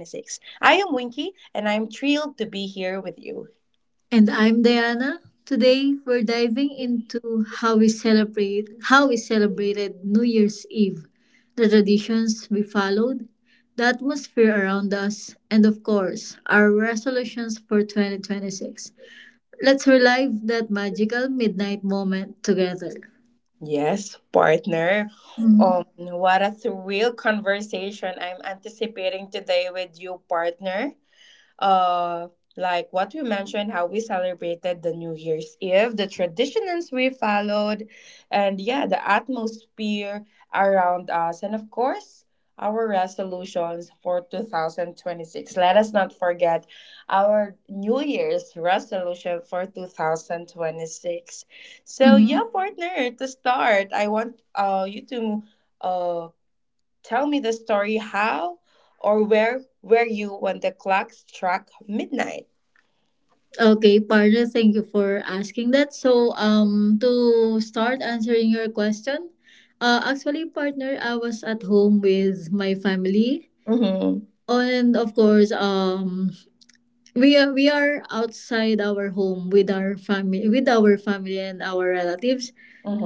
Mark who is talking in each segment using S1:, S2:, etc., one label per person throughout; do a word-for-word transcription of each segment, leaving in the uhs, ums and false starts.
S1: I am Winky and I'm thrilled to be here with you.
S2: And I'm Diana. Today we're diving into how we celebrate how we celebrated New Year's Eve, the traditions we followed, the atmosphere around us, and of course, our resolutions for twenty twenty-six. Let's relive that magical midnight moment together.
S1: Yes, partner. Um,
S2: Mm-hmm.
S1: what a thrill conversation I'm anticipating today with you, partner. uh like what we mentioned, how we celebrated the new year's eve, the traditions we followed, and yeah, the atmosphere around us, and of course our resolutions for two thousand twenty-six. Let us not forget our new year's resolution for two thousand twenty-six. So yeah, partner, to start, I want uh you to uh tell me the story how or where were you when the clock struck midnight?
S2: Okay, partner, thank you for asking that. So, um, to start answering your question, uh, actually, partner, I was at home with my family,
S1: Mm-hmm.
S2: and of course, um, we are we are outside our home with our family, with our family and our relatives.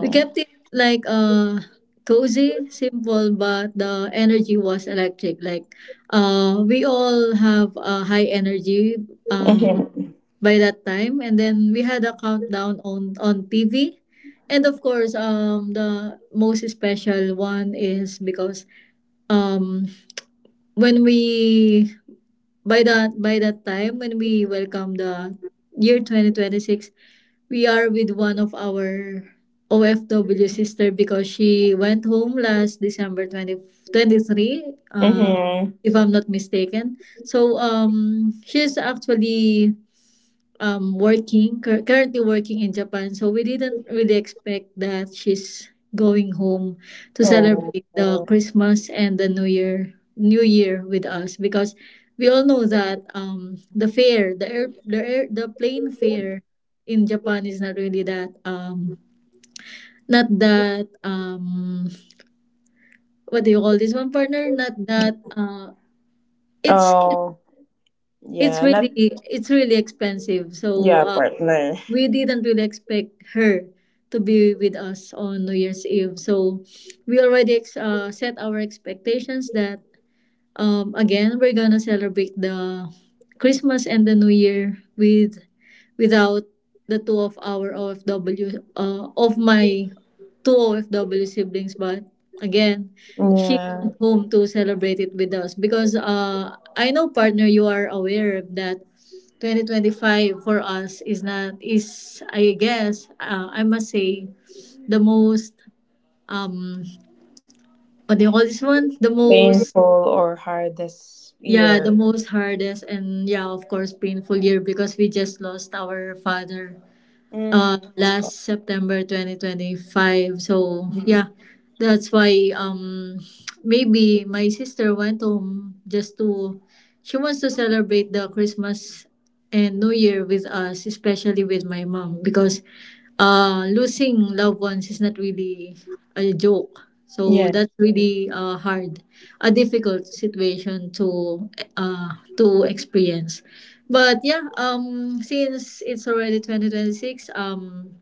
S2: We kept it like uh cozy, simple, but the energy was electric. Like, uh, we all have a high energy. Um
S1: Mm-hmm.
S2: by that time, and then we had a countdown on on T V, and of course, um the most special one is because, um when we, by that by that time when we welcome the year twenty twenty-six, we are with one of our O F W sister because she went home last December twenty twenty three, uh
S1: Mm-hmm.
S2: if I'm not mistaken. So um she's actually, um working cur- currently working in Japan, so we didn't really expect that she's going home to
S1: Oh.
S2: celebrate the Christmas and the New Year New Year with us because we all know that um the fare, the air the air, the plane fare in Japan is not really that, um not that, um what do you call this one, partner, not that, uh it's,
S1: Oh. Yeah,
S2: it's
S1: not
S2: really it's really expensive. So
S1: yeah,
S2: uh,
S1: partner.
S2: we didn't really expect her to be with us on New Year's Eve. So we already ex- uh, set our expectations that, Um, again, we're gonna celebrate the Christmas and the New Year with without the two of our O F W uh, of my two O F W siblings, but again, she
S1: Yeah.
S2: went home to celebrate it with us because, uh, I know partner you are aware that twenty twenty-five for us is not, is I guess, uh, I must say the most, um what do you call this one, the most.
S1: Painful or hardest
S2: Yeah, the
S1: year.
S2: most hardest and, yeah, of course, painful year because we just lost our father
S1: Mm.
S2: uh last September twenty twenty-five. So yeah, that's why um maybe my sister went home just to, she wants to celebrate the Christmas and New Year with us, especially with my mom because uh losing loved ones is not really a joke. So
S1: Yeah.
S2: that's really uh hard, a difficult situation to uh to experience. But yeah, um, since it's already twenty twenty-six, um,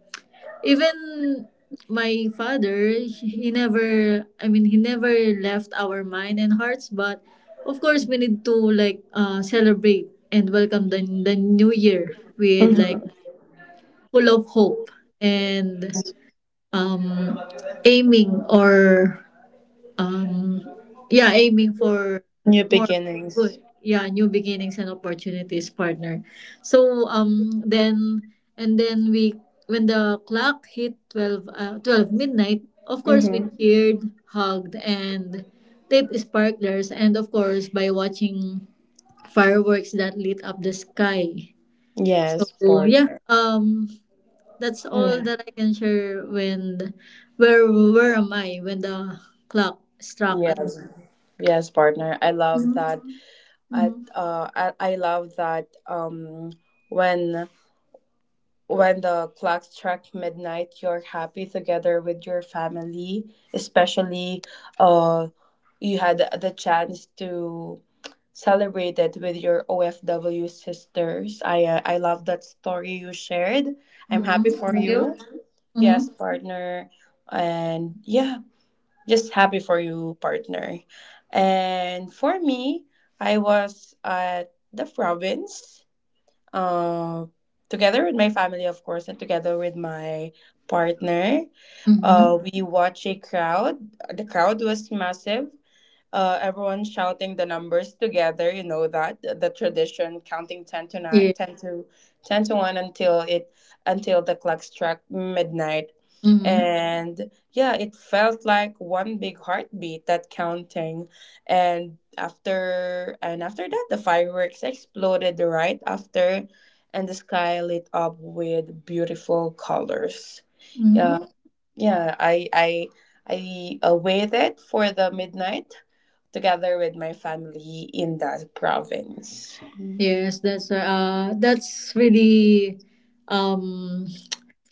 S2: even my father, he never, I mean, he never left our mind and hearts. But of course, we need to like uh, celebrate and welcome the, the new year with like
S1: Mm-hmm.
S2: full of hope and, um, aiming or, Um, yeah, aiming for
S1: New
S2: more
S1: beginnings.
S2: good, yeah, new beginnings and opportunities, partner. So um, then and then we when the clock hit twelve, uh, twelve midnight, of course we
S1: Mm-hmm.
S2: cheered, hugged, and lit sparklers, and of course by watching fireworks that lit up the sky.
S1: Yes,
S2: So yeah,
S1: partner.
S2: um, that's all
S1: Yeah.
S2: that I can share when where where am I when the clock struck at.
S1: Yes. Yes, partner. I love
S2: Mhm.
S1: that I
S2: Mhm.
S1: uh I, I love that um when when the clock struck midnight you're happy together with your family, especially uh you had the chance to celebrate it with your O F W sisters. I uh, I love that story you shared. I'm
S2: Mhm.
S1: happy for
S2: Thank you.
S1: you. Yes,
S2: Mhm.
S1: partner, and yeah, just happy for you, partner. And for me, I was at the province, uh, together with my family, of course, and together with my partner.
S2: Mhm.
S1: Uh, we watched a crowd. The crowd was massive, uh, everyone shouting the numbers together. You know that the, the tradition, counting ten to nine,
S2: Yeah.
S1: ten to ten to one, until it until the clock struck midnight,
S2: Mhm.
S1: and yeah, it felt like one big heartbeat, that counting, and after and after that the fireworks exploded right after, and the sky lit up with beautiful colors. Yeah,
S2: Mhm.
S1: yeah, I I. I uh, waited for the midnight together with my family in the province. Mm.
S2: Yes, that's uh uh, that's really, um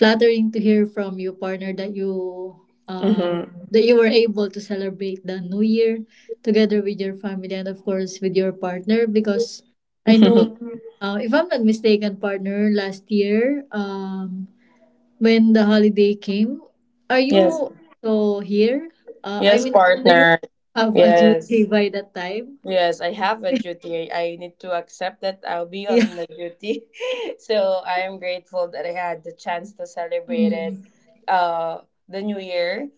S2: flattering to hear from you, partner, that you, uh
S1: Mm-hmm.
S2: that you were able to celebrate the new year together with your family and of course with your partner because I know, uh, if I'm not mistaken, partner, last year, um when the holiday came. Are
S1: Yes,
S2: you so here? Uh, I
S1: yes,
S2: mean, do you
S1: partner.
S2: have a
S1: Yes,
S2: duty by that time?
S1: yes, I have a duty. I need to accept that I'll be on
S2: Yeah.
S1: the duty. So I am grateful that I had the chance to celebrate it,
S2: Mm.
S1: uh, the new year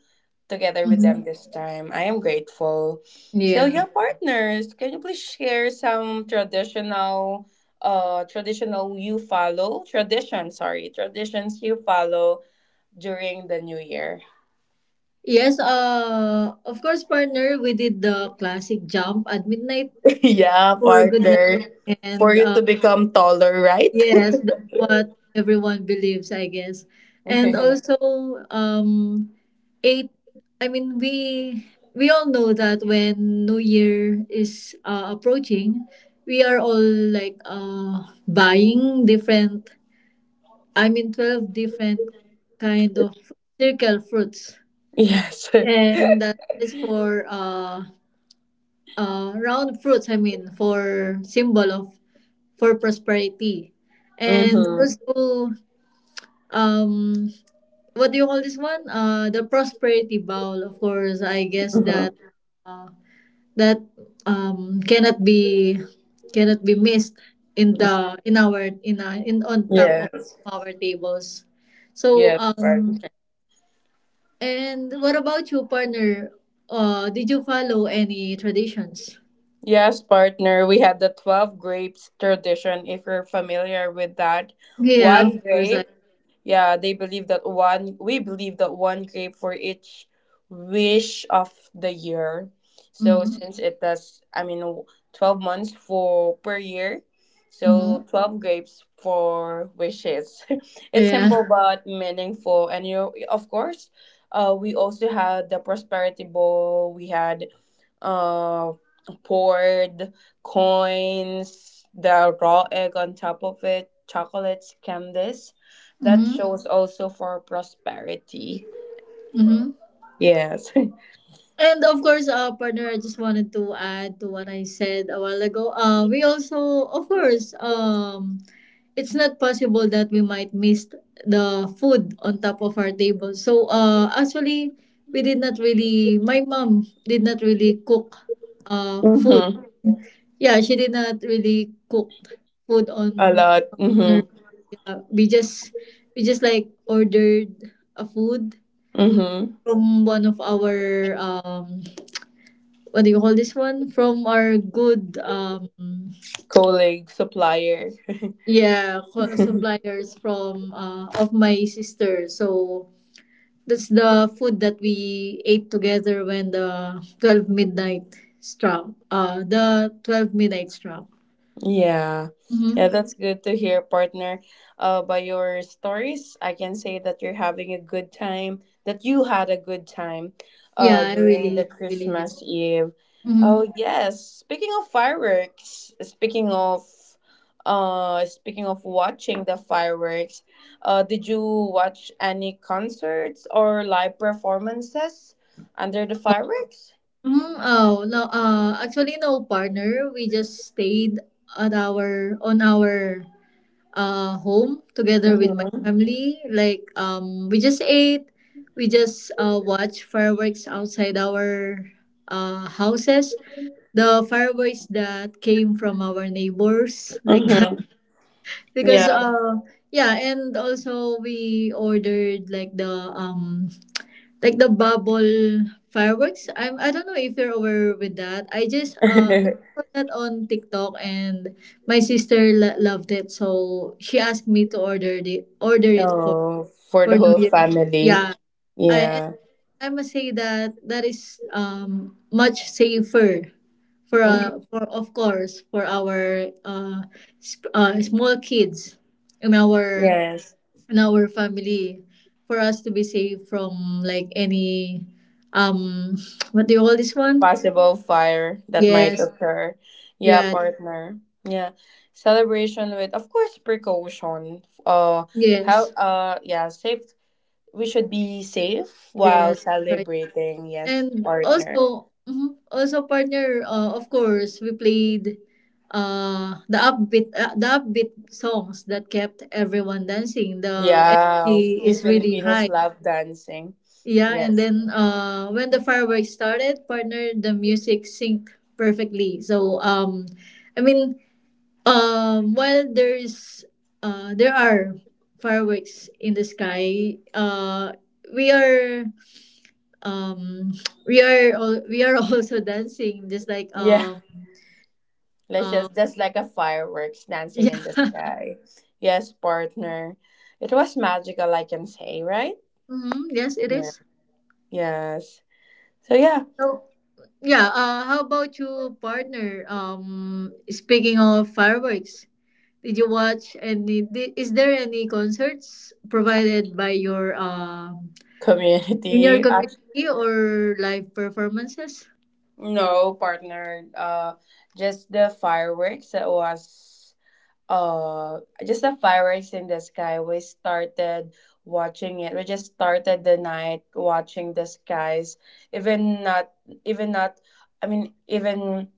S1: together with
S2: Mhm.
S1: them this time. I am grateful.
S2: Yeah.
S1: Celia Partners, can you please share some traditional uh traditional you follow tradition sorry traditions you follow during the new year?
S2: Yes, uh, of course, partner, we did the classic jump at midnight
S1: Yeah,
S2: for good
S1: partner,
S2: luck.
S1: for
S2: And
S1: you
S2: uh,
S1: to become taller, right?
S2: yes, that's what everyone believes, I guess. And also, um, Eight. I mean, we we all know that when New Year is uh, approaching, we are all like uh buying different. I mean, twelve different kind of circle fruits,
S1: Yes.
S2: and that is for, uh uh round fruits. I mean, for symbol of, for prosperity, and
S1: Mm-hmm.
S2: also, um what do you call this one? Uh, the prosperity bowl. Of course, I guess that,
S1: Mm-hmm.
S2: uh, that, um, cannot be cannot be missed in the in our in our, in on top of
S1: Yes.
S2: our tables. So
S1: Yes, partner.
S2: um and what about you, partner? Uh, did you follow any traditions?
S1: Yes, partner, we had the twelve grapes tradition, if you're familiar with that.
S2: Yeah, of
S1: One
S2: course. I,
S1: grape. Yeah, they believe that one, we believe that one grape for each wish of the year. So
S2: mm-hmm,
S1: since it does, I mean, w- twelve months for per year,
S2: mm-hmm,
S1: so twelve grapes for wishes. It's simple
S2: yeah.
S1: but meaningful. And you, of course, uh, we also had the prosperity bowl, we had, uh, poured coins, the raw egg on top of it, chocolates, candies that
S2: Mm-hmm,
S1: shows also for prosperity.
S2: mm-hmm.
S1: Yes.
S2: And of course, uh, partner, I just wanted to add to what I said a while ago. Uh, we also, of course, um, it's not possible that we might miss the food on top of our table. So uh actually we did not really, my mom did not really cook uh food.
S1: Mm-hmm.
S2: Yeah, she did not really cook food
S1: A
S2: on
S1: lot.
S2: on
S1: Mm-hmm.
S2: her, yeah, we just, we just like ordered a food
S1: Mm-hmm.
S2: from one of our, um what do you call this one? From our good, um
S1: Colleague, supplier.
S2: yeah, co- suppliers from uh of my sister. So that's the food that we ate together when the twelve midnight struck. Uh, the twelve midnight struck.
S1: Yeah.
S2: Mm-hmm.
S1: Yeah, that's good to hear, partner. Uh, by your stories, I can say that you're having a good time, that you had a good time
S2: Yeah,
S1: uh,
S2: I
S1: during the
S2: really, really.
S1: Christmas Eve.
S2: Mm-hmm.
S1: Oh, yes. Speaking of fireworks, speaking of uh speaking of watching the fireworks, uh, did you watch any concerts or live performances under the
S2: Oh,
S1: fireworks?
S2: mhm. Oh, no. Uh, actually, no partner. We just stayed at our on our uh home together with my
S1: Mm-hmm.
S2: family. Like um, we just ate. We just uh watched fireworks outside our uh houses, the fireworks that came from our neighbors like that
S1: Mm-hmm.
S2: because
S1: Yeah.
S2: uh yeah, and also we ordered like the um like the bubble fireworks. I'm, I don't know if you're aware with that. I just uh I saw that on TikTok, and my sister lo- loved it, so she asked me to order it order it for
S1: Oh, for the
S2: for new
S1: whole
S2: year,
S1: family.
S2: yeah. i and
S1: Yeah.
S2: I must say that that is, um much safer for,
S1: Mhm.
S2: uh, for of course for our, uh, sp- uh small kids in our
S1: Yes.
S2: in our family, for us to be safe from like any, um what do you call this one?
S1: Possible fire that might
S2: Yes.
S1: occur. Yeah,
S2: Yeah.
S1: partner. Yeah. Celebration with of course precaution. Uh, how
S2: Yes.
S1: uh yeah, safe we should be safe while
S2: Yes. Right.
S1: celebrating, yes,
S2: And
S1: partner.
S2: also, mhm, also partner, uh, of course we played uh the upbeat uh, the upbeat songs that kept everyone dancing, the
S1: Yeah.
S2: energy
S1: We
S2: is really
S1: Filipinos
S2: high.
S1: love dancing.
S2: Yeah, and
S1: Yes.
S2: then uh, when the fireworks started, partner, the music synced perfectly. So um, I mean, um, while there's uh, there are fireworks in the sky, uh, we are, um, we are al- we are also dancing, just like
S1: Yeah.
S2: um,
S1: Let's
S2: um,
S1: just just like a fireworks dancing
S2: yeah,
S1: in the sky. Yes, partner. It was magical, I can say, right?
S2: mm-hmm, yes, it
S1: Yeah.
S2: is.
S1: Yes. So yeah,
S2: So yeah, uh, how about you, partner? Um, speaking of fireworks, did you watch any? di- Is there any concerts provided by your, um in your
S1: community. Act-
S2: community or live performances?
S1: no, partner. Uh, just the fireworks that was uh just the fireworks in the sky. We started watching it. We just started the night watching the skies. Even not even not I mean even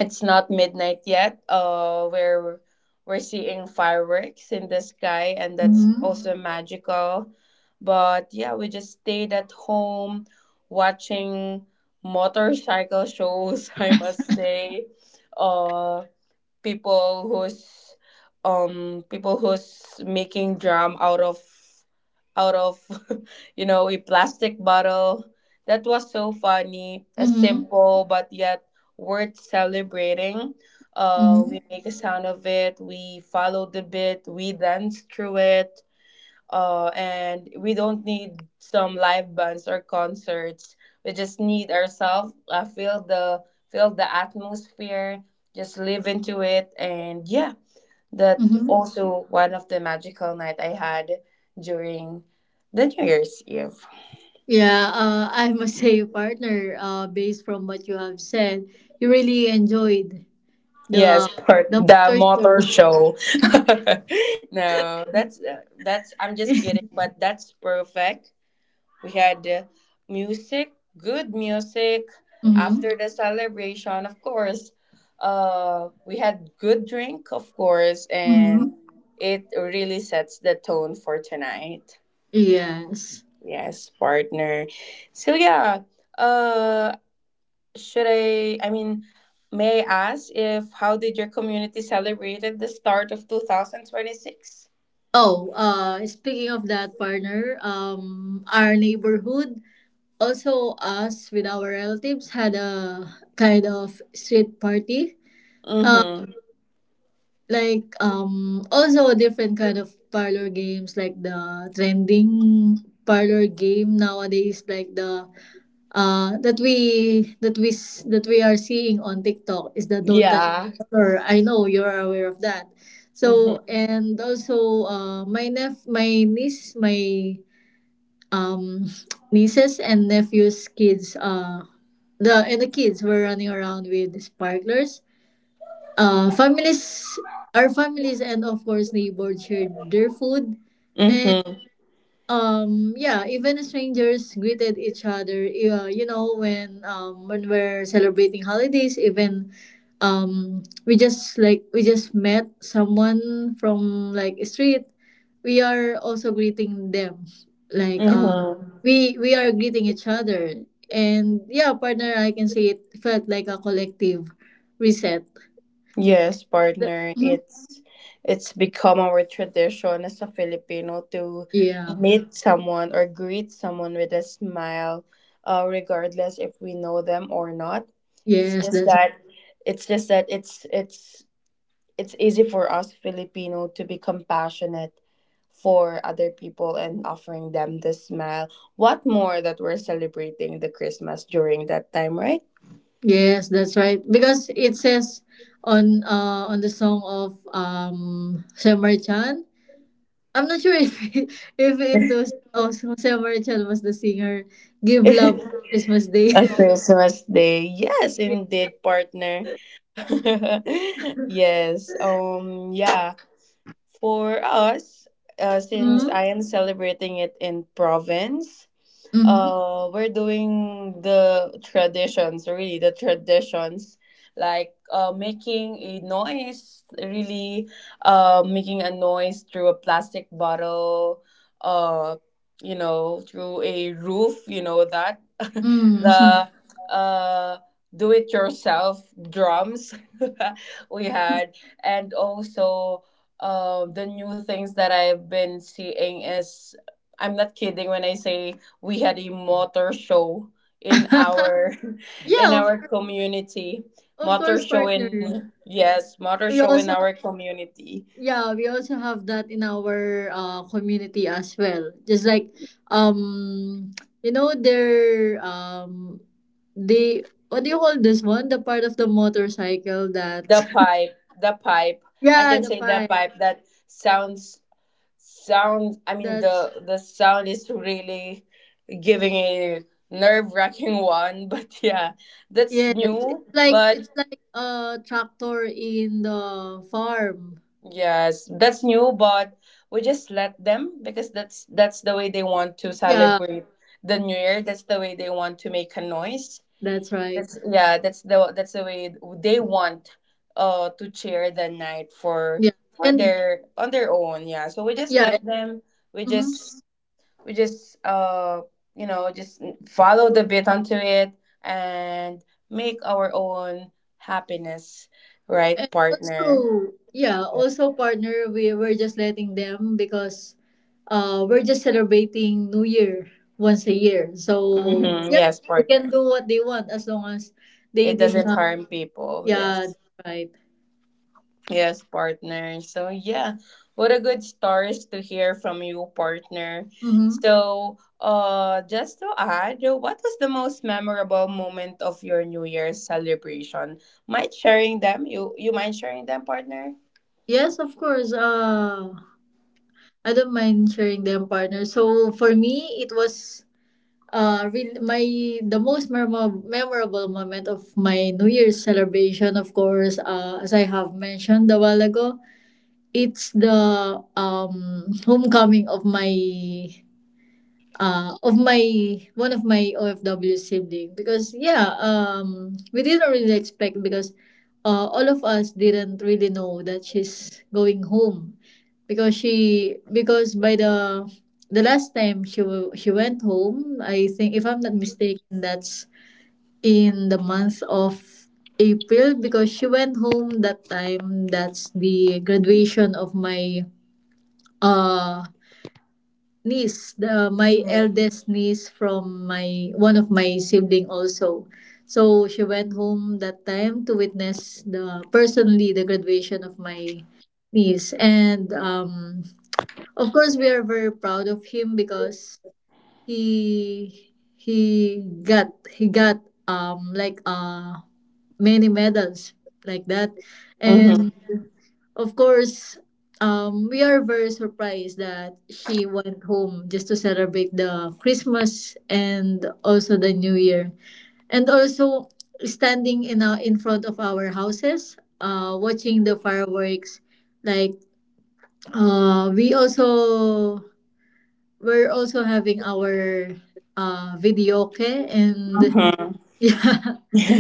S1: it's not midnight yet. Uh, we're we're seeing fireworks in the sky, and that's
S2: Mm-hmm.
S1: also magical. But yeah, we just stayed at home watching motorcycle shows. I must say, uh, people who's um people who's making drum out of out of you know, a plastic bottle. That was so funny, a
S2: Mm-hmm.
S1: simple but yet worth celebrating. Uh,
S2: Mm-hmm.
S1: we make a sound of it, we follow the bit, we dance through it, uh, and we don't need some live bands or concerts. We just need ourselves. Uh, feel the feel the atmosphere. Just live into it, and yeah, that
S2: Mm-hmm.
S1: also one of the magical night I had during the New Year's Eve.
S2: Yeah, uh, I must say, partner, uh, based from what you have said, you really enjoyed
S1: Yes,
S2: the
S1: for
S2: the
S1: the
S2: motor show.
S1: motor show. No, that's uh, that's. I'm just kidding, but that's perfect. We had uh, music, good music.
S2: Mm-hmm.
S1: After the celebration, of course, uh, we had good drink, of course, and
S2: Mm-hmm.
S1: it really sets the tone for tonight.
S2: Yes.
S1: Yes, partner. So yeah, uh, should I? I mean, may I ask if how did your community celebrated the start of two thousand twenty six?
S2: Oh, uh, speaking of that, partner, um, our neighborhood, also us with our relatives, had a kind of street party. Uh,
S1: Mm-hmm.
S2: like um, also different kind of parlor games, like the trending parlor game nowadays, like the uh that we that we s- that we are seeing on TikTok, is the don't touch,
S1: Yeah.
S2: or I know you're aware of that.
S1: Mm-hmm.
S2: So and also uh my nep my niece my, um nieces and nephews kids, uh the and the kids were running around with sparklers. Uh, families, our families, and of course neighbors shared their food.
S1: Mm-hmm.
S2: Um, yeah, even strangers greeted each other. Uh, you know, when, um when we're celebrating holidays, even, um we just like we just met someone from like a street, we are also greeting them. Like uh
S1: Mm-hmm.
S2: we we are greeting each other. And yeah, partner, I can say it felt like a collective reset.
S1: Yes,
S2: Th-
S1: partner.
S2: Mhm.
S1: It's it's become our tradition as a Filipino to
S2: Yeah.
S1: meet someone or greet someone with a smile, uh, regardless if we know them or not. It's
S2: Yes,
S1: just
S2: that's
S1: that it's just that it's it's it's easy for us Filipino to be compassionate for other people and offering them the smile. What more that we're celebrating the Christmas during that time, right?
S2: Yes, that's right. Because it says on uh on the song of um Summer Chan. I'm not sure if if it was also Summer Chan was the singer. Give love Christmas Day.
S1: A Christmas Day. Yes,
S2: Yeah.
S1: indeed, partner. Yes. Um yeah, for us, uh, since
S2: Mm-hmm.
S1: I am celebrating it in province,
S2: Mm-hmm.
S1: uh, we're doing the traditions really the traditions like uh making a noise really uh making a noise through a plastic bottle, uh, you know, through a roof, you know that,
S2: Mm-hmm.
S1: the uh do it yourself drums we had, and also, uh, the new things that I've been seeing is I'm not kidding when I say we had a motor show in our in
S2: Yeah, of,
S1: our community.
S2: of
S1: Motor
S2: course,
S1: show
S2: partner.
S1: in yes motor show
S2: We
S1: in our
S2: also,
S1: community.
S2: yeah, we also have that in our uh, community as well. Just like, um you know their, um the, what do you call this one? The part of the motorcycle
S1: The
S2: that
S1: pipe the pipe, I
S2: yeah,
S1: can
S2: the
S1: say the
S2: pipe.
S1: pipe that sounds sound I mean
S2: That's
S1: the the sound is really giving a nerve-wracking one but yeah that's
S2: yes. It's
S1: new
S2: like
S1: but
S2: it's like a tractor in the farm.
S1: yes, that's new, but we just let them, because that's that's the way they want to
S2: Yeah,
S1: celebrate the new year. That's the way they want to make a noise.
S2: that's right.
S1: That's yeah, that's the that's the way they want uh to cheer the night for
S2: Yeah.
S1: for
S2: And
S1: their on their own, yeah. So we just
S2: yeah,
S1: let them, we
S2: mhm.
S1: just we just uh you know, just follow the bit onto it and make our own happiness,
S2: And
S1: right, partner?
S2: also, yeah, also partner, we were just letting them because, Uh, we're just celebrating New Year once a year, so
S1: Mm-hmm.
S2: yeah,
S1: Yes,
S2: they can
S1: partner.
S2: do what they want as long as they
S1: It
S2: did
S1: doesn't
S2: not.
S1: harm people.
S2: Yeah,
S1: Yes.
S2: that's right.
S1: Yes, partner. So yeah, what a good stories to hear from you, partner.
S2: Mm-hmm.
S1: So, uh, just to add, what was the most memorable moment of your New Year's celebration? Mind sharing them? You you mind sharing them, partner?
S2: Yes, of course. Uh, I don't mind sharing them, partner. So for me, it was uh real my the most memorable memorable moment of my New Year's celebration. Of course, uh, as I have mentioned a while ago, it's the um homecoming of my uh, of my one of my O F W sibling because yeah um we didn't really expect because uh, all of us didn't really know that she's going home because she because by the the last time she wa- she went home. I think if I'm not mistaken that's in the month of April, because she went home that time. That's the graduation of my uh niece, the, my eldest niece from my one of my sibling also. So she went home that time to witness the personally the graduation of my niece, and um, of course we are very proud of him because he he got he got um like uh many medals like that,
S1: Mm-hmm.
S2: and of course, um, we are very surprised that she went home just to celebrate the Christmas and also the New Year. And also standing in our, in front of our houses, uh, watching the fireworks. Like uh, we also we're also having our uh videoke, and
S1: Mm-hmm.
S2: yeah,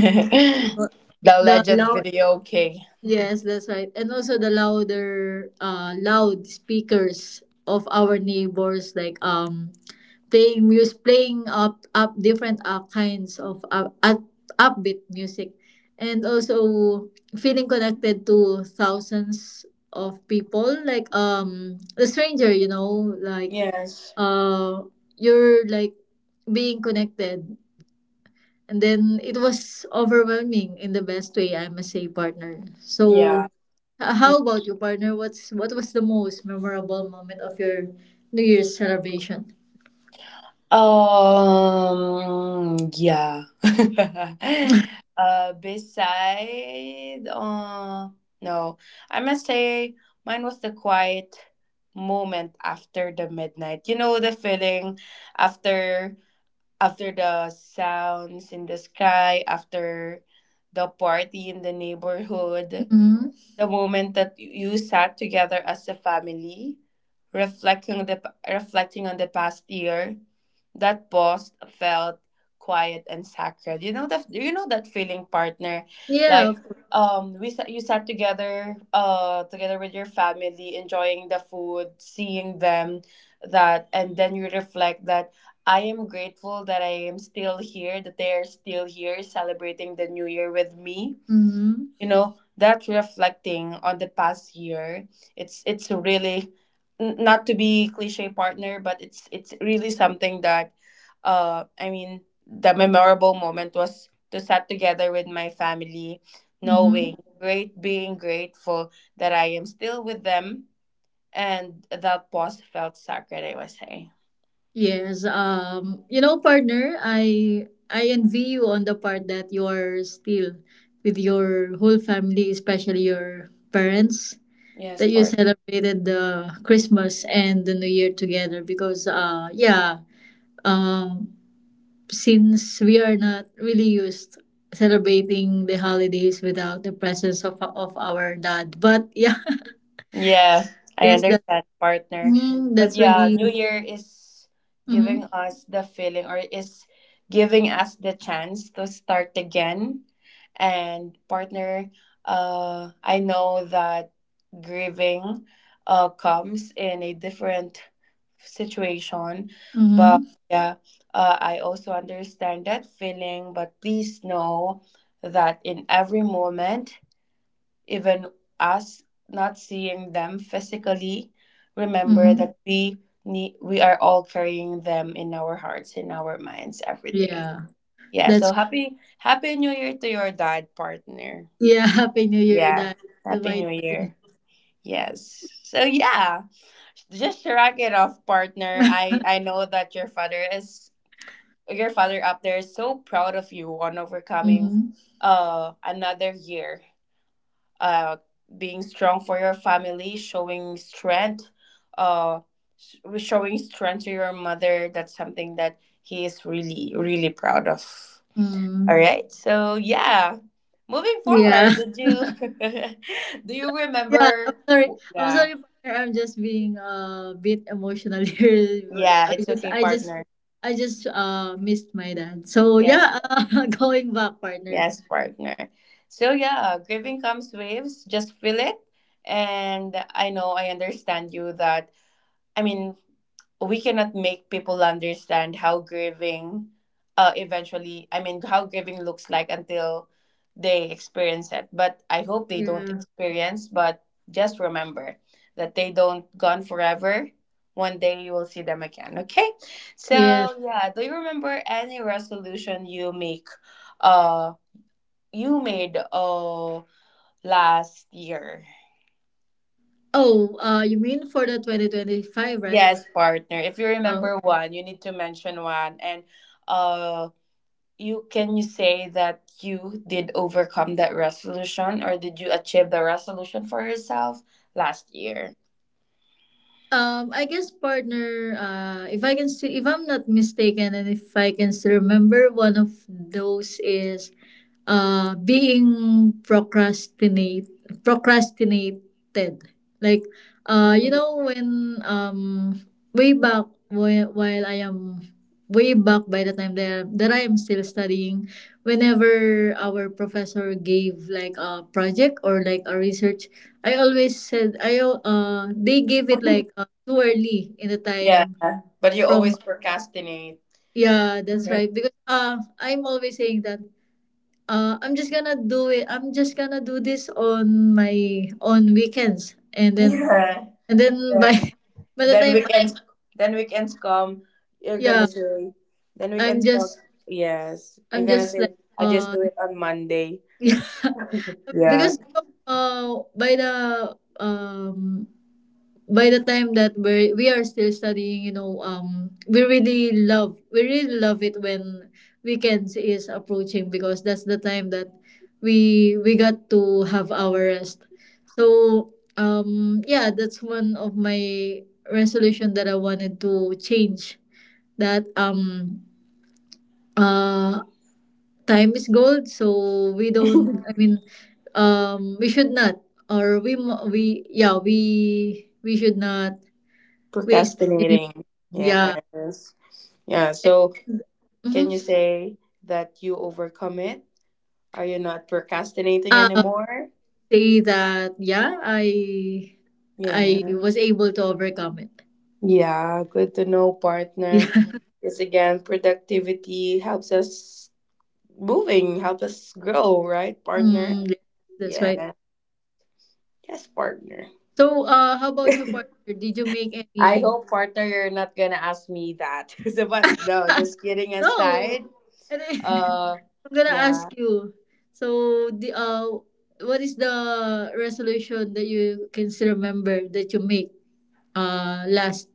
S1: The
S2: the
S1: legend
S2: loud
S1: video, okay.
S2: yes, that's right. And also the louder uh loud speakers of our neighbors, like um playing music, playing up up different uh, kinds of uh, up, upbeat music, and also feeling connected to thousands of people, like um a stranger, you know, like
S1: Yes.
S2: uh you're like being connected, and then it was overwhelming in the best way, I must say, partner.
S1: Yeah.
S2: So, h- how about you, partner? What's what was the most memorable moment of your New Year's celebration?
S1: Um, yeah. Uh, beside, uh, no, I must say mine was the quiet moment after the midnight. You know the feeling after after the sounds in the sky, after the party in the neighborhood,
S2: Hmm.
S1: the moment that you sat together as a family, reflecting the reflecting on the past year, that pause felt quiet and sacred. You know that you know that feeling, partner,
S2: Yeah,
S1: like
S2: of course.
S1: um we sat, you sat together uh together with your family, enjoying the food, seeing them, that, and then you reflect that I am grateful that I am still here, that they are still here celebrating the new year with me.
S2: Hmm.
S1: You know that, reflecting on the past year, it's it's really n- not to be cliche, partner, but it's it's really something that uh I mean the memorable moment was to sat together with my family,
S2: Hmm.
S1: knowing great being grateful that I am still with them, and that pause felt sacred, I would say.
S2: Yes. Um, you know, partner, I I envy you on the part that you're still with your whole family, especially your parents,
S1: Yes,
S2: that you
S1: partner.
S2: celebrated the Christmas and the New Year together. Because uh yeah, um, since we are not really used celebrating the holidays without the presence of of our dad. But yeah,
S1: Yeah, I
S2: yes, that
S1: understand, partner.
S2: mm,
S1: But
S2: that's
S1: yeah,
S2: really
S1: New Year is
S2: mm-hmm,
S1: giving us the feeling or is giving us the chance to start again. And partner, uh, I know that grieving uh comes in a different situation,
S2: mm-hmm,
S1: but yeah, uh, I also understand that feeling, but please know that in every moment, even us not seeing them physically, remember
S2: mm-hmm,
S1: that we need we are all carrying them in our hearts, in our minds every day.
S2: yeah.
S1: Yeah, so
S2: That's
S1: happy happy new year to your dad, partner.
S2: yeah. Happy New Year,
S1: Yeah.
S2: dad. To
S1: Happy
S2: my
S1: New
S2: dad in
S1: Year. Yes. So yeah, just shrug it off, partner.
S2: heaven.
S1: I I know that your father is your father up there is so proud of you on overcoming
S2: Mm-hmm,
S1: uh another year uh, being strong for your family, showing strength, uh, s- showing strength to your mother. That's something that he is really, really proud of. All
S2: mm-hmm.
S1: right. So yeah, moving
S2: Yeah.
S1: forward, did you do you
S2: Yeah, I'm
S1: remember?
S2: sorry. I'm
S1: Yeah,
S2: sorry, partner. I'm just being uh, a bit emotional here. But
S1: yeah.
S2: I
S1: It's
S2: just,
S1: okay,
S2: I just,
S1: partner.
S2: I just uh missed my dad. So
S1: Yes,
S2: yeah, uh, going back, partner.
S1: yes, partner. So yeah, grieving comes waves. Just feel it, and I know I understand you that I mean, we cannot make people understand how grieving uh, eventually, I mean, how grieving looks like until they experience it. But I hope they don't
S2: Yeah.
S1: experience, but just remember that they don't gone forever. One day you will see them again, okay? So,
S2: Yes.
S1: yeah, do you remember any resolution you make uh you made uh last year?
S2: Oh, uh, you mean for the twenty twenty-five, right?
S1: Yes, partner. If you
S2: Oh.
S1: remember one, you need to mention one. And uh you can you say that you did overcome that resolution, or did you achieve the resolution for yourself last year?
S2: Um, I guess partner. Uh, if I can see, if I'm not mistaken, and if I can still remember, one of those is uh being procrastinate procrastinated, like uh you
S1: Mhm.
S2: know, when um way back whi- while i am way back by the time that, that I am still studying, whenever our professor gave like a project or like a research, I always said I al- uh they gave it like uh, too early in the
S1: Yeah.
S2: time.
S1: But you
S2: From
S1: always procrastinate.
S2: Yeah, that's right, because uh I'm always saying that uh, I'm just gonna do it. I'm just gonna do this on my on weekends, and then
S1: Yeah.
S2: and then by
S1: Then
S2: by the
S1: then
S2: time,
S1: weekends then weekends come, you're
S2: yeah,
S1: gonna say then
S2: I'm
S1: weekends come.
S2: just
S1: Yes. You're
S2: I'm
S1: gonna
S2: just
S1: say,
S2: like
S1: I just
S2: uh
S1: do it on Monday.
S2: yeah.
S1: Yeah.
S2: Because you know, uh by the um by the time that we we are still studying, you know, um, we really love we really love it when weekends is approaching, because that's the time that we we got to have our rest. So um, yeah, that's one of my resolution that I wanted to change. That um, uh, time is gold, so we don't. I mean, um, we should not, or we mo- we yeah we we should not waste any
S1: Procrastinating.
S2: yeah.
S1: Yes. Yeah.
S2: And
S1: So can you
S2: mhm.
S1: say that you overcome it? Are you not procrastinating
S2: Uh,
S1: anymore?
S2: say that yeah, I I
S1: Yeah.
S2: was able to overcome it.
S1: Yeah. Good to know, partner.
S2: Yeah.
S1: Because again, productivity helps us moving, helps us grow, right, partner?
S2: Mm, yes, that's right.
S1: Yeah. Yes, partner.
S2: So uh how about you,
S1: I
S2: partner? Did you make any
S1: hope, partner, you're not gonna ask me that. So, but no, just kidding
S2: no.
S1: aside.
S2: I think-
S1: Uh,
S2: I'm gonna ask
S1: yeah,
S2: you. So the uh what is the resolution that you can still remember that you make uh last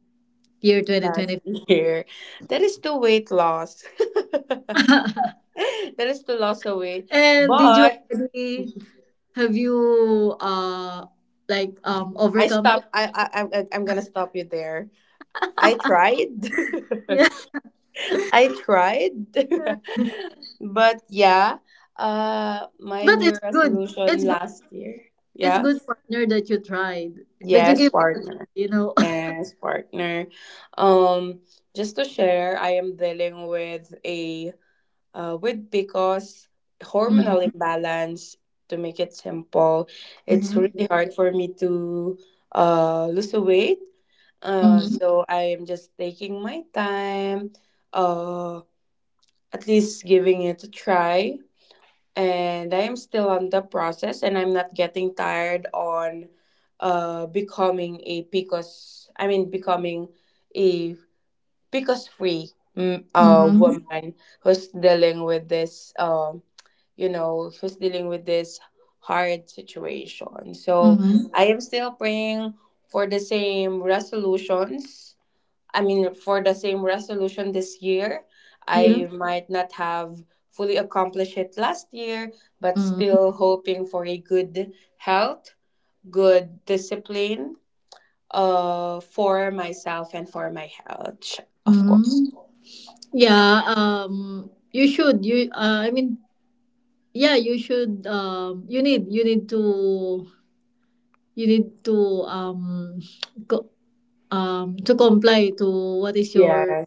S2: year twenty
S1: last
S2: twenty?
S1: year, that is to weight loss. That is to loss of weight.
S2: And did you
S1: But
S2: already have you uh like um
S1: I
S2: overcome it?
S1: stop. I I I'm, I- I'm gonna stop you there. I tried.
S2: Yeah.
S1: I tried. But yeah, uh, my
S2: But
S1: new
S2: it's good. It's
S1: resolution
S2: good.
S1: last year.
S2: It's good,
S1: Yes.
S2: partner, that you tried. That you
S1: Yes,
S2: give it a try,
S1: partner.
S2: you know.
S1: Yes, partner. Um, just to share, I am dealing with a uh, with because hormonal
S2: Mm.
S1: imbalance. To make it simple, it's
S2: Mm-hmm.
S1: really hard for me to uh lose the weight. Uh,
S2: Mm-hmm.
S1: so I am just taking my time. Uh, at least giving it a try, and I'm still on the process, and I'm not getting tired on uh becoming a P C O S I mean becoming a P C O S free mm, uh
S2: Mm-hmm.
S1: woman who's dealing with this um you know who's dealing with this hard situation. So
S2: Mm-hmm.
S1: I am still praying for the same resolutions I mean, for the same resolution this year.
S2: Yeah.
S1: I might not have fully accomplished it last year, but still hoping for a good health, good discipline, uh, for myself and for my health, of course.
S2: Mm-hmm. Yeah, um, you should you uh, I mean yeah, you should um you need you need to you need to um co- um to comply to what is your
S1: Yes.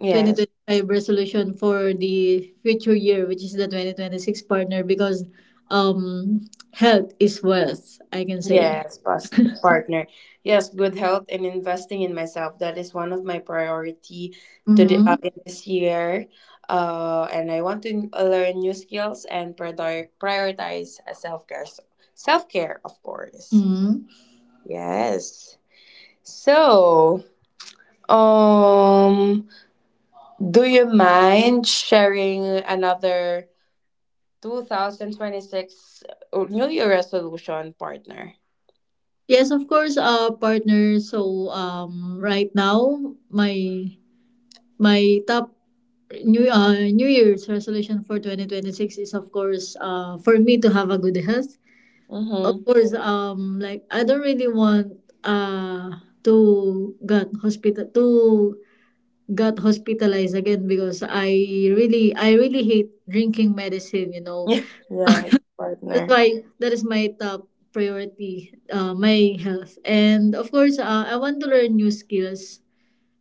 S1: Yes.
S2: twenty twenty-five resolution for the future year, which is the twenty twenty-six, partner, because um, health is wealth, I can say.
S1: Yes, past partner. Yes, good health and investing in myself. That is one of my priority to the
S2: Mm-hmm.
S1: uh, in this year. Uh, and I want to uh, learn new skills and prior- prioritize self care. Self care, of course.
S2: Mm-hmm.
S1: Yes. So, um, do you mind sharing another two thousand twenty-six New Year resolution, partner?
S2: Yes, of course, uh, partner. So um, right now, my my top new uh, New Year's resolution for twenty twenty-six is, of course, uh, for me to have a good health. Of
S1: Mm-hmm.
S2: course, um, like I don't really want uh to got hospital to got hospitalized again, because I really I really hate drinking medicine, you know.
S1: Yes,
S2: That's
S1: partner.
S2: why that is my top priority, uh, my health. And of course, uh, I want to learn new skills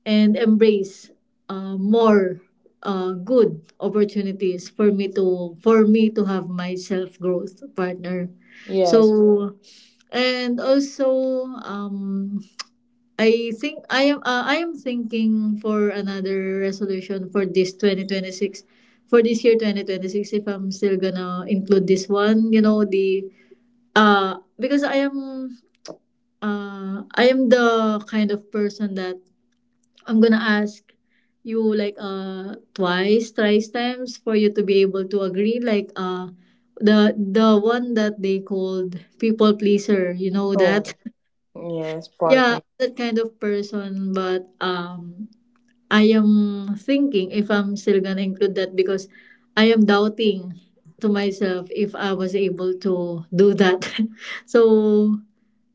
S2: and embrace uh, more uh, good opportunities for me to for me to have my self growth, partner.
S1: Yes.
S2: So and also um, I think I am uh, I am thinking for another resolution for this twenty twenty-six, for this year twenty twenty-six, if I'm still gonna include this one, you know, the uh because I am uh I am the kind of person that I'm gonna ask you like uh twice, thrice times for you to be able to agree, like uh the the one that they called people pleaser, you know that.
S1: Oh, yes,
S2: Yeah,
S1: partner.
S2: that kind of person, but um, I am thinking if I'm still gonna include that because I am doubting to myself if I was able to do that. So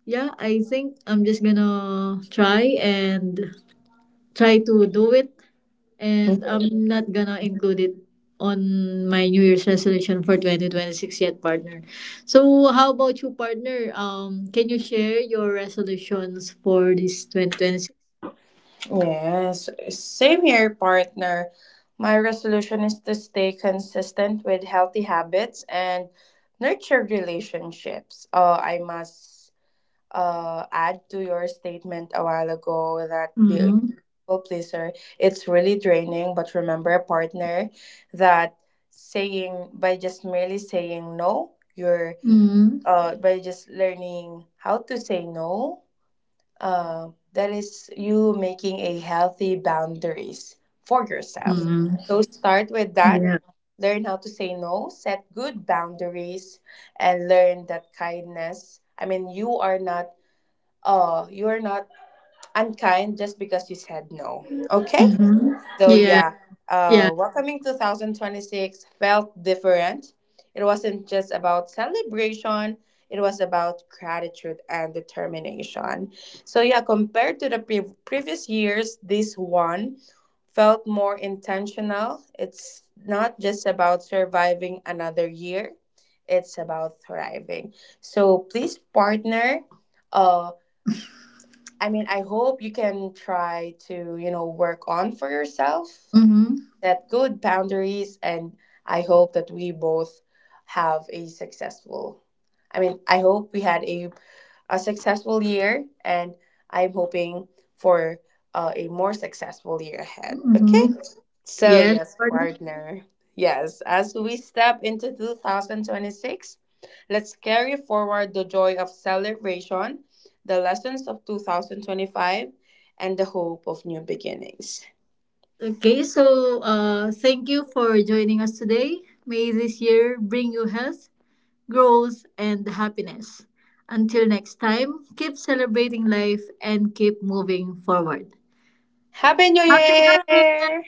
S2: yeah, I think I'm just gonna try and try to do it, and I'm not gonna include it on my New Year's resolution for twenty twenty-six yet, partner. So how about you, partner? Um, can you share your resolutions for this twenty twenty-six?
S1: Yes, same here, partner. My resolution is to stay consistent with healthy habits and nurture relationships. Uh, I must uh, add to your statement a while ago that be a
S2: Mm-hmm.
S1: people pleaser, it's really draining. But remember, a partner, that saying by just merely saying no, you're
S2: Mm-hmm.
S1: uh, by just learning how to say no. Uh, that is you making a healthy boundaries for yourself.
S2: Mm-hmm.
S1: So start with that. Learn how to say no, set good boundaries, and learn that kindness. I mean, you are not oh, you're not unkind just because you said no. Okay?
S2: Mm-hmm.
S1: So,
S2: Yeah,
S1: yeah,
S2: yeah.
S1: uh, welcoming two thousand twenty-six felt different. It wasn't just about celebration, it was about gratitude and determination. So, yeah, compared to the pre- previous years, this one felt more intentional. It's not just about surviving another year, it's about thriving. So, please, partner. uh. I mean, I hope you can try to, you know, work on for yourself,
S2: Mm-hmm.
S1: set good boundaries, and I hope that we both have a successful. I mean, I hope we had a a successful year, and I'm hoping for uh, a more successful year ahead. Okay?
S2: Mm-hmm.
S1: So,
S2: Yes,
S1: yes,
S2: Gordon.
S1: partner. Yes, as we step into two thousand twenty-six, let's carry forward the joy of celebration, the lessons of two thousand twenty-five, and the hope of new beginnings.
S2: Okay, so uh, thank you for joining us today. May this year bring you health, growth, and happiness. Until next time, keep celebrating life and keep moving forward.
S1: Happy New
S2: Happy New Year!
S1: Year!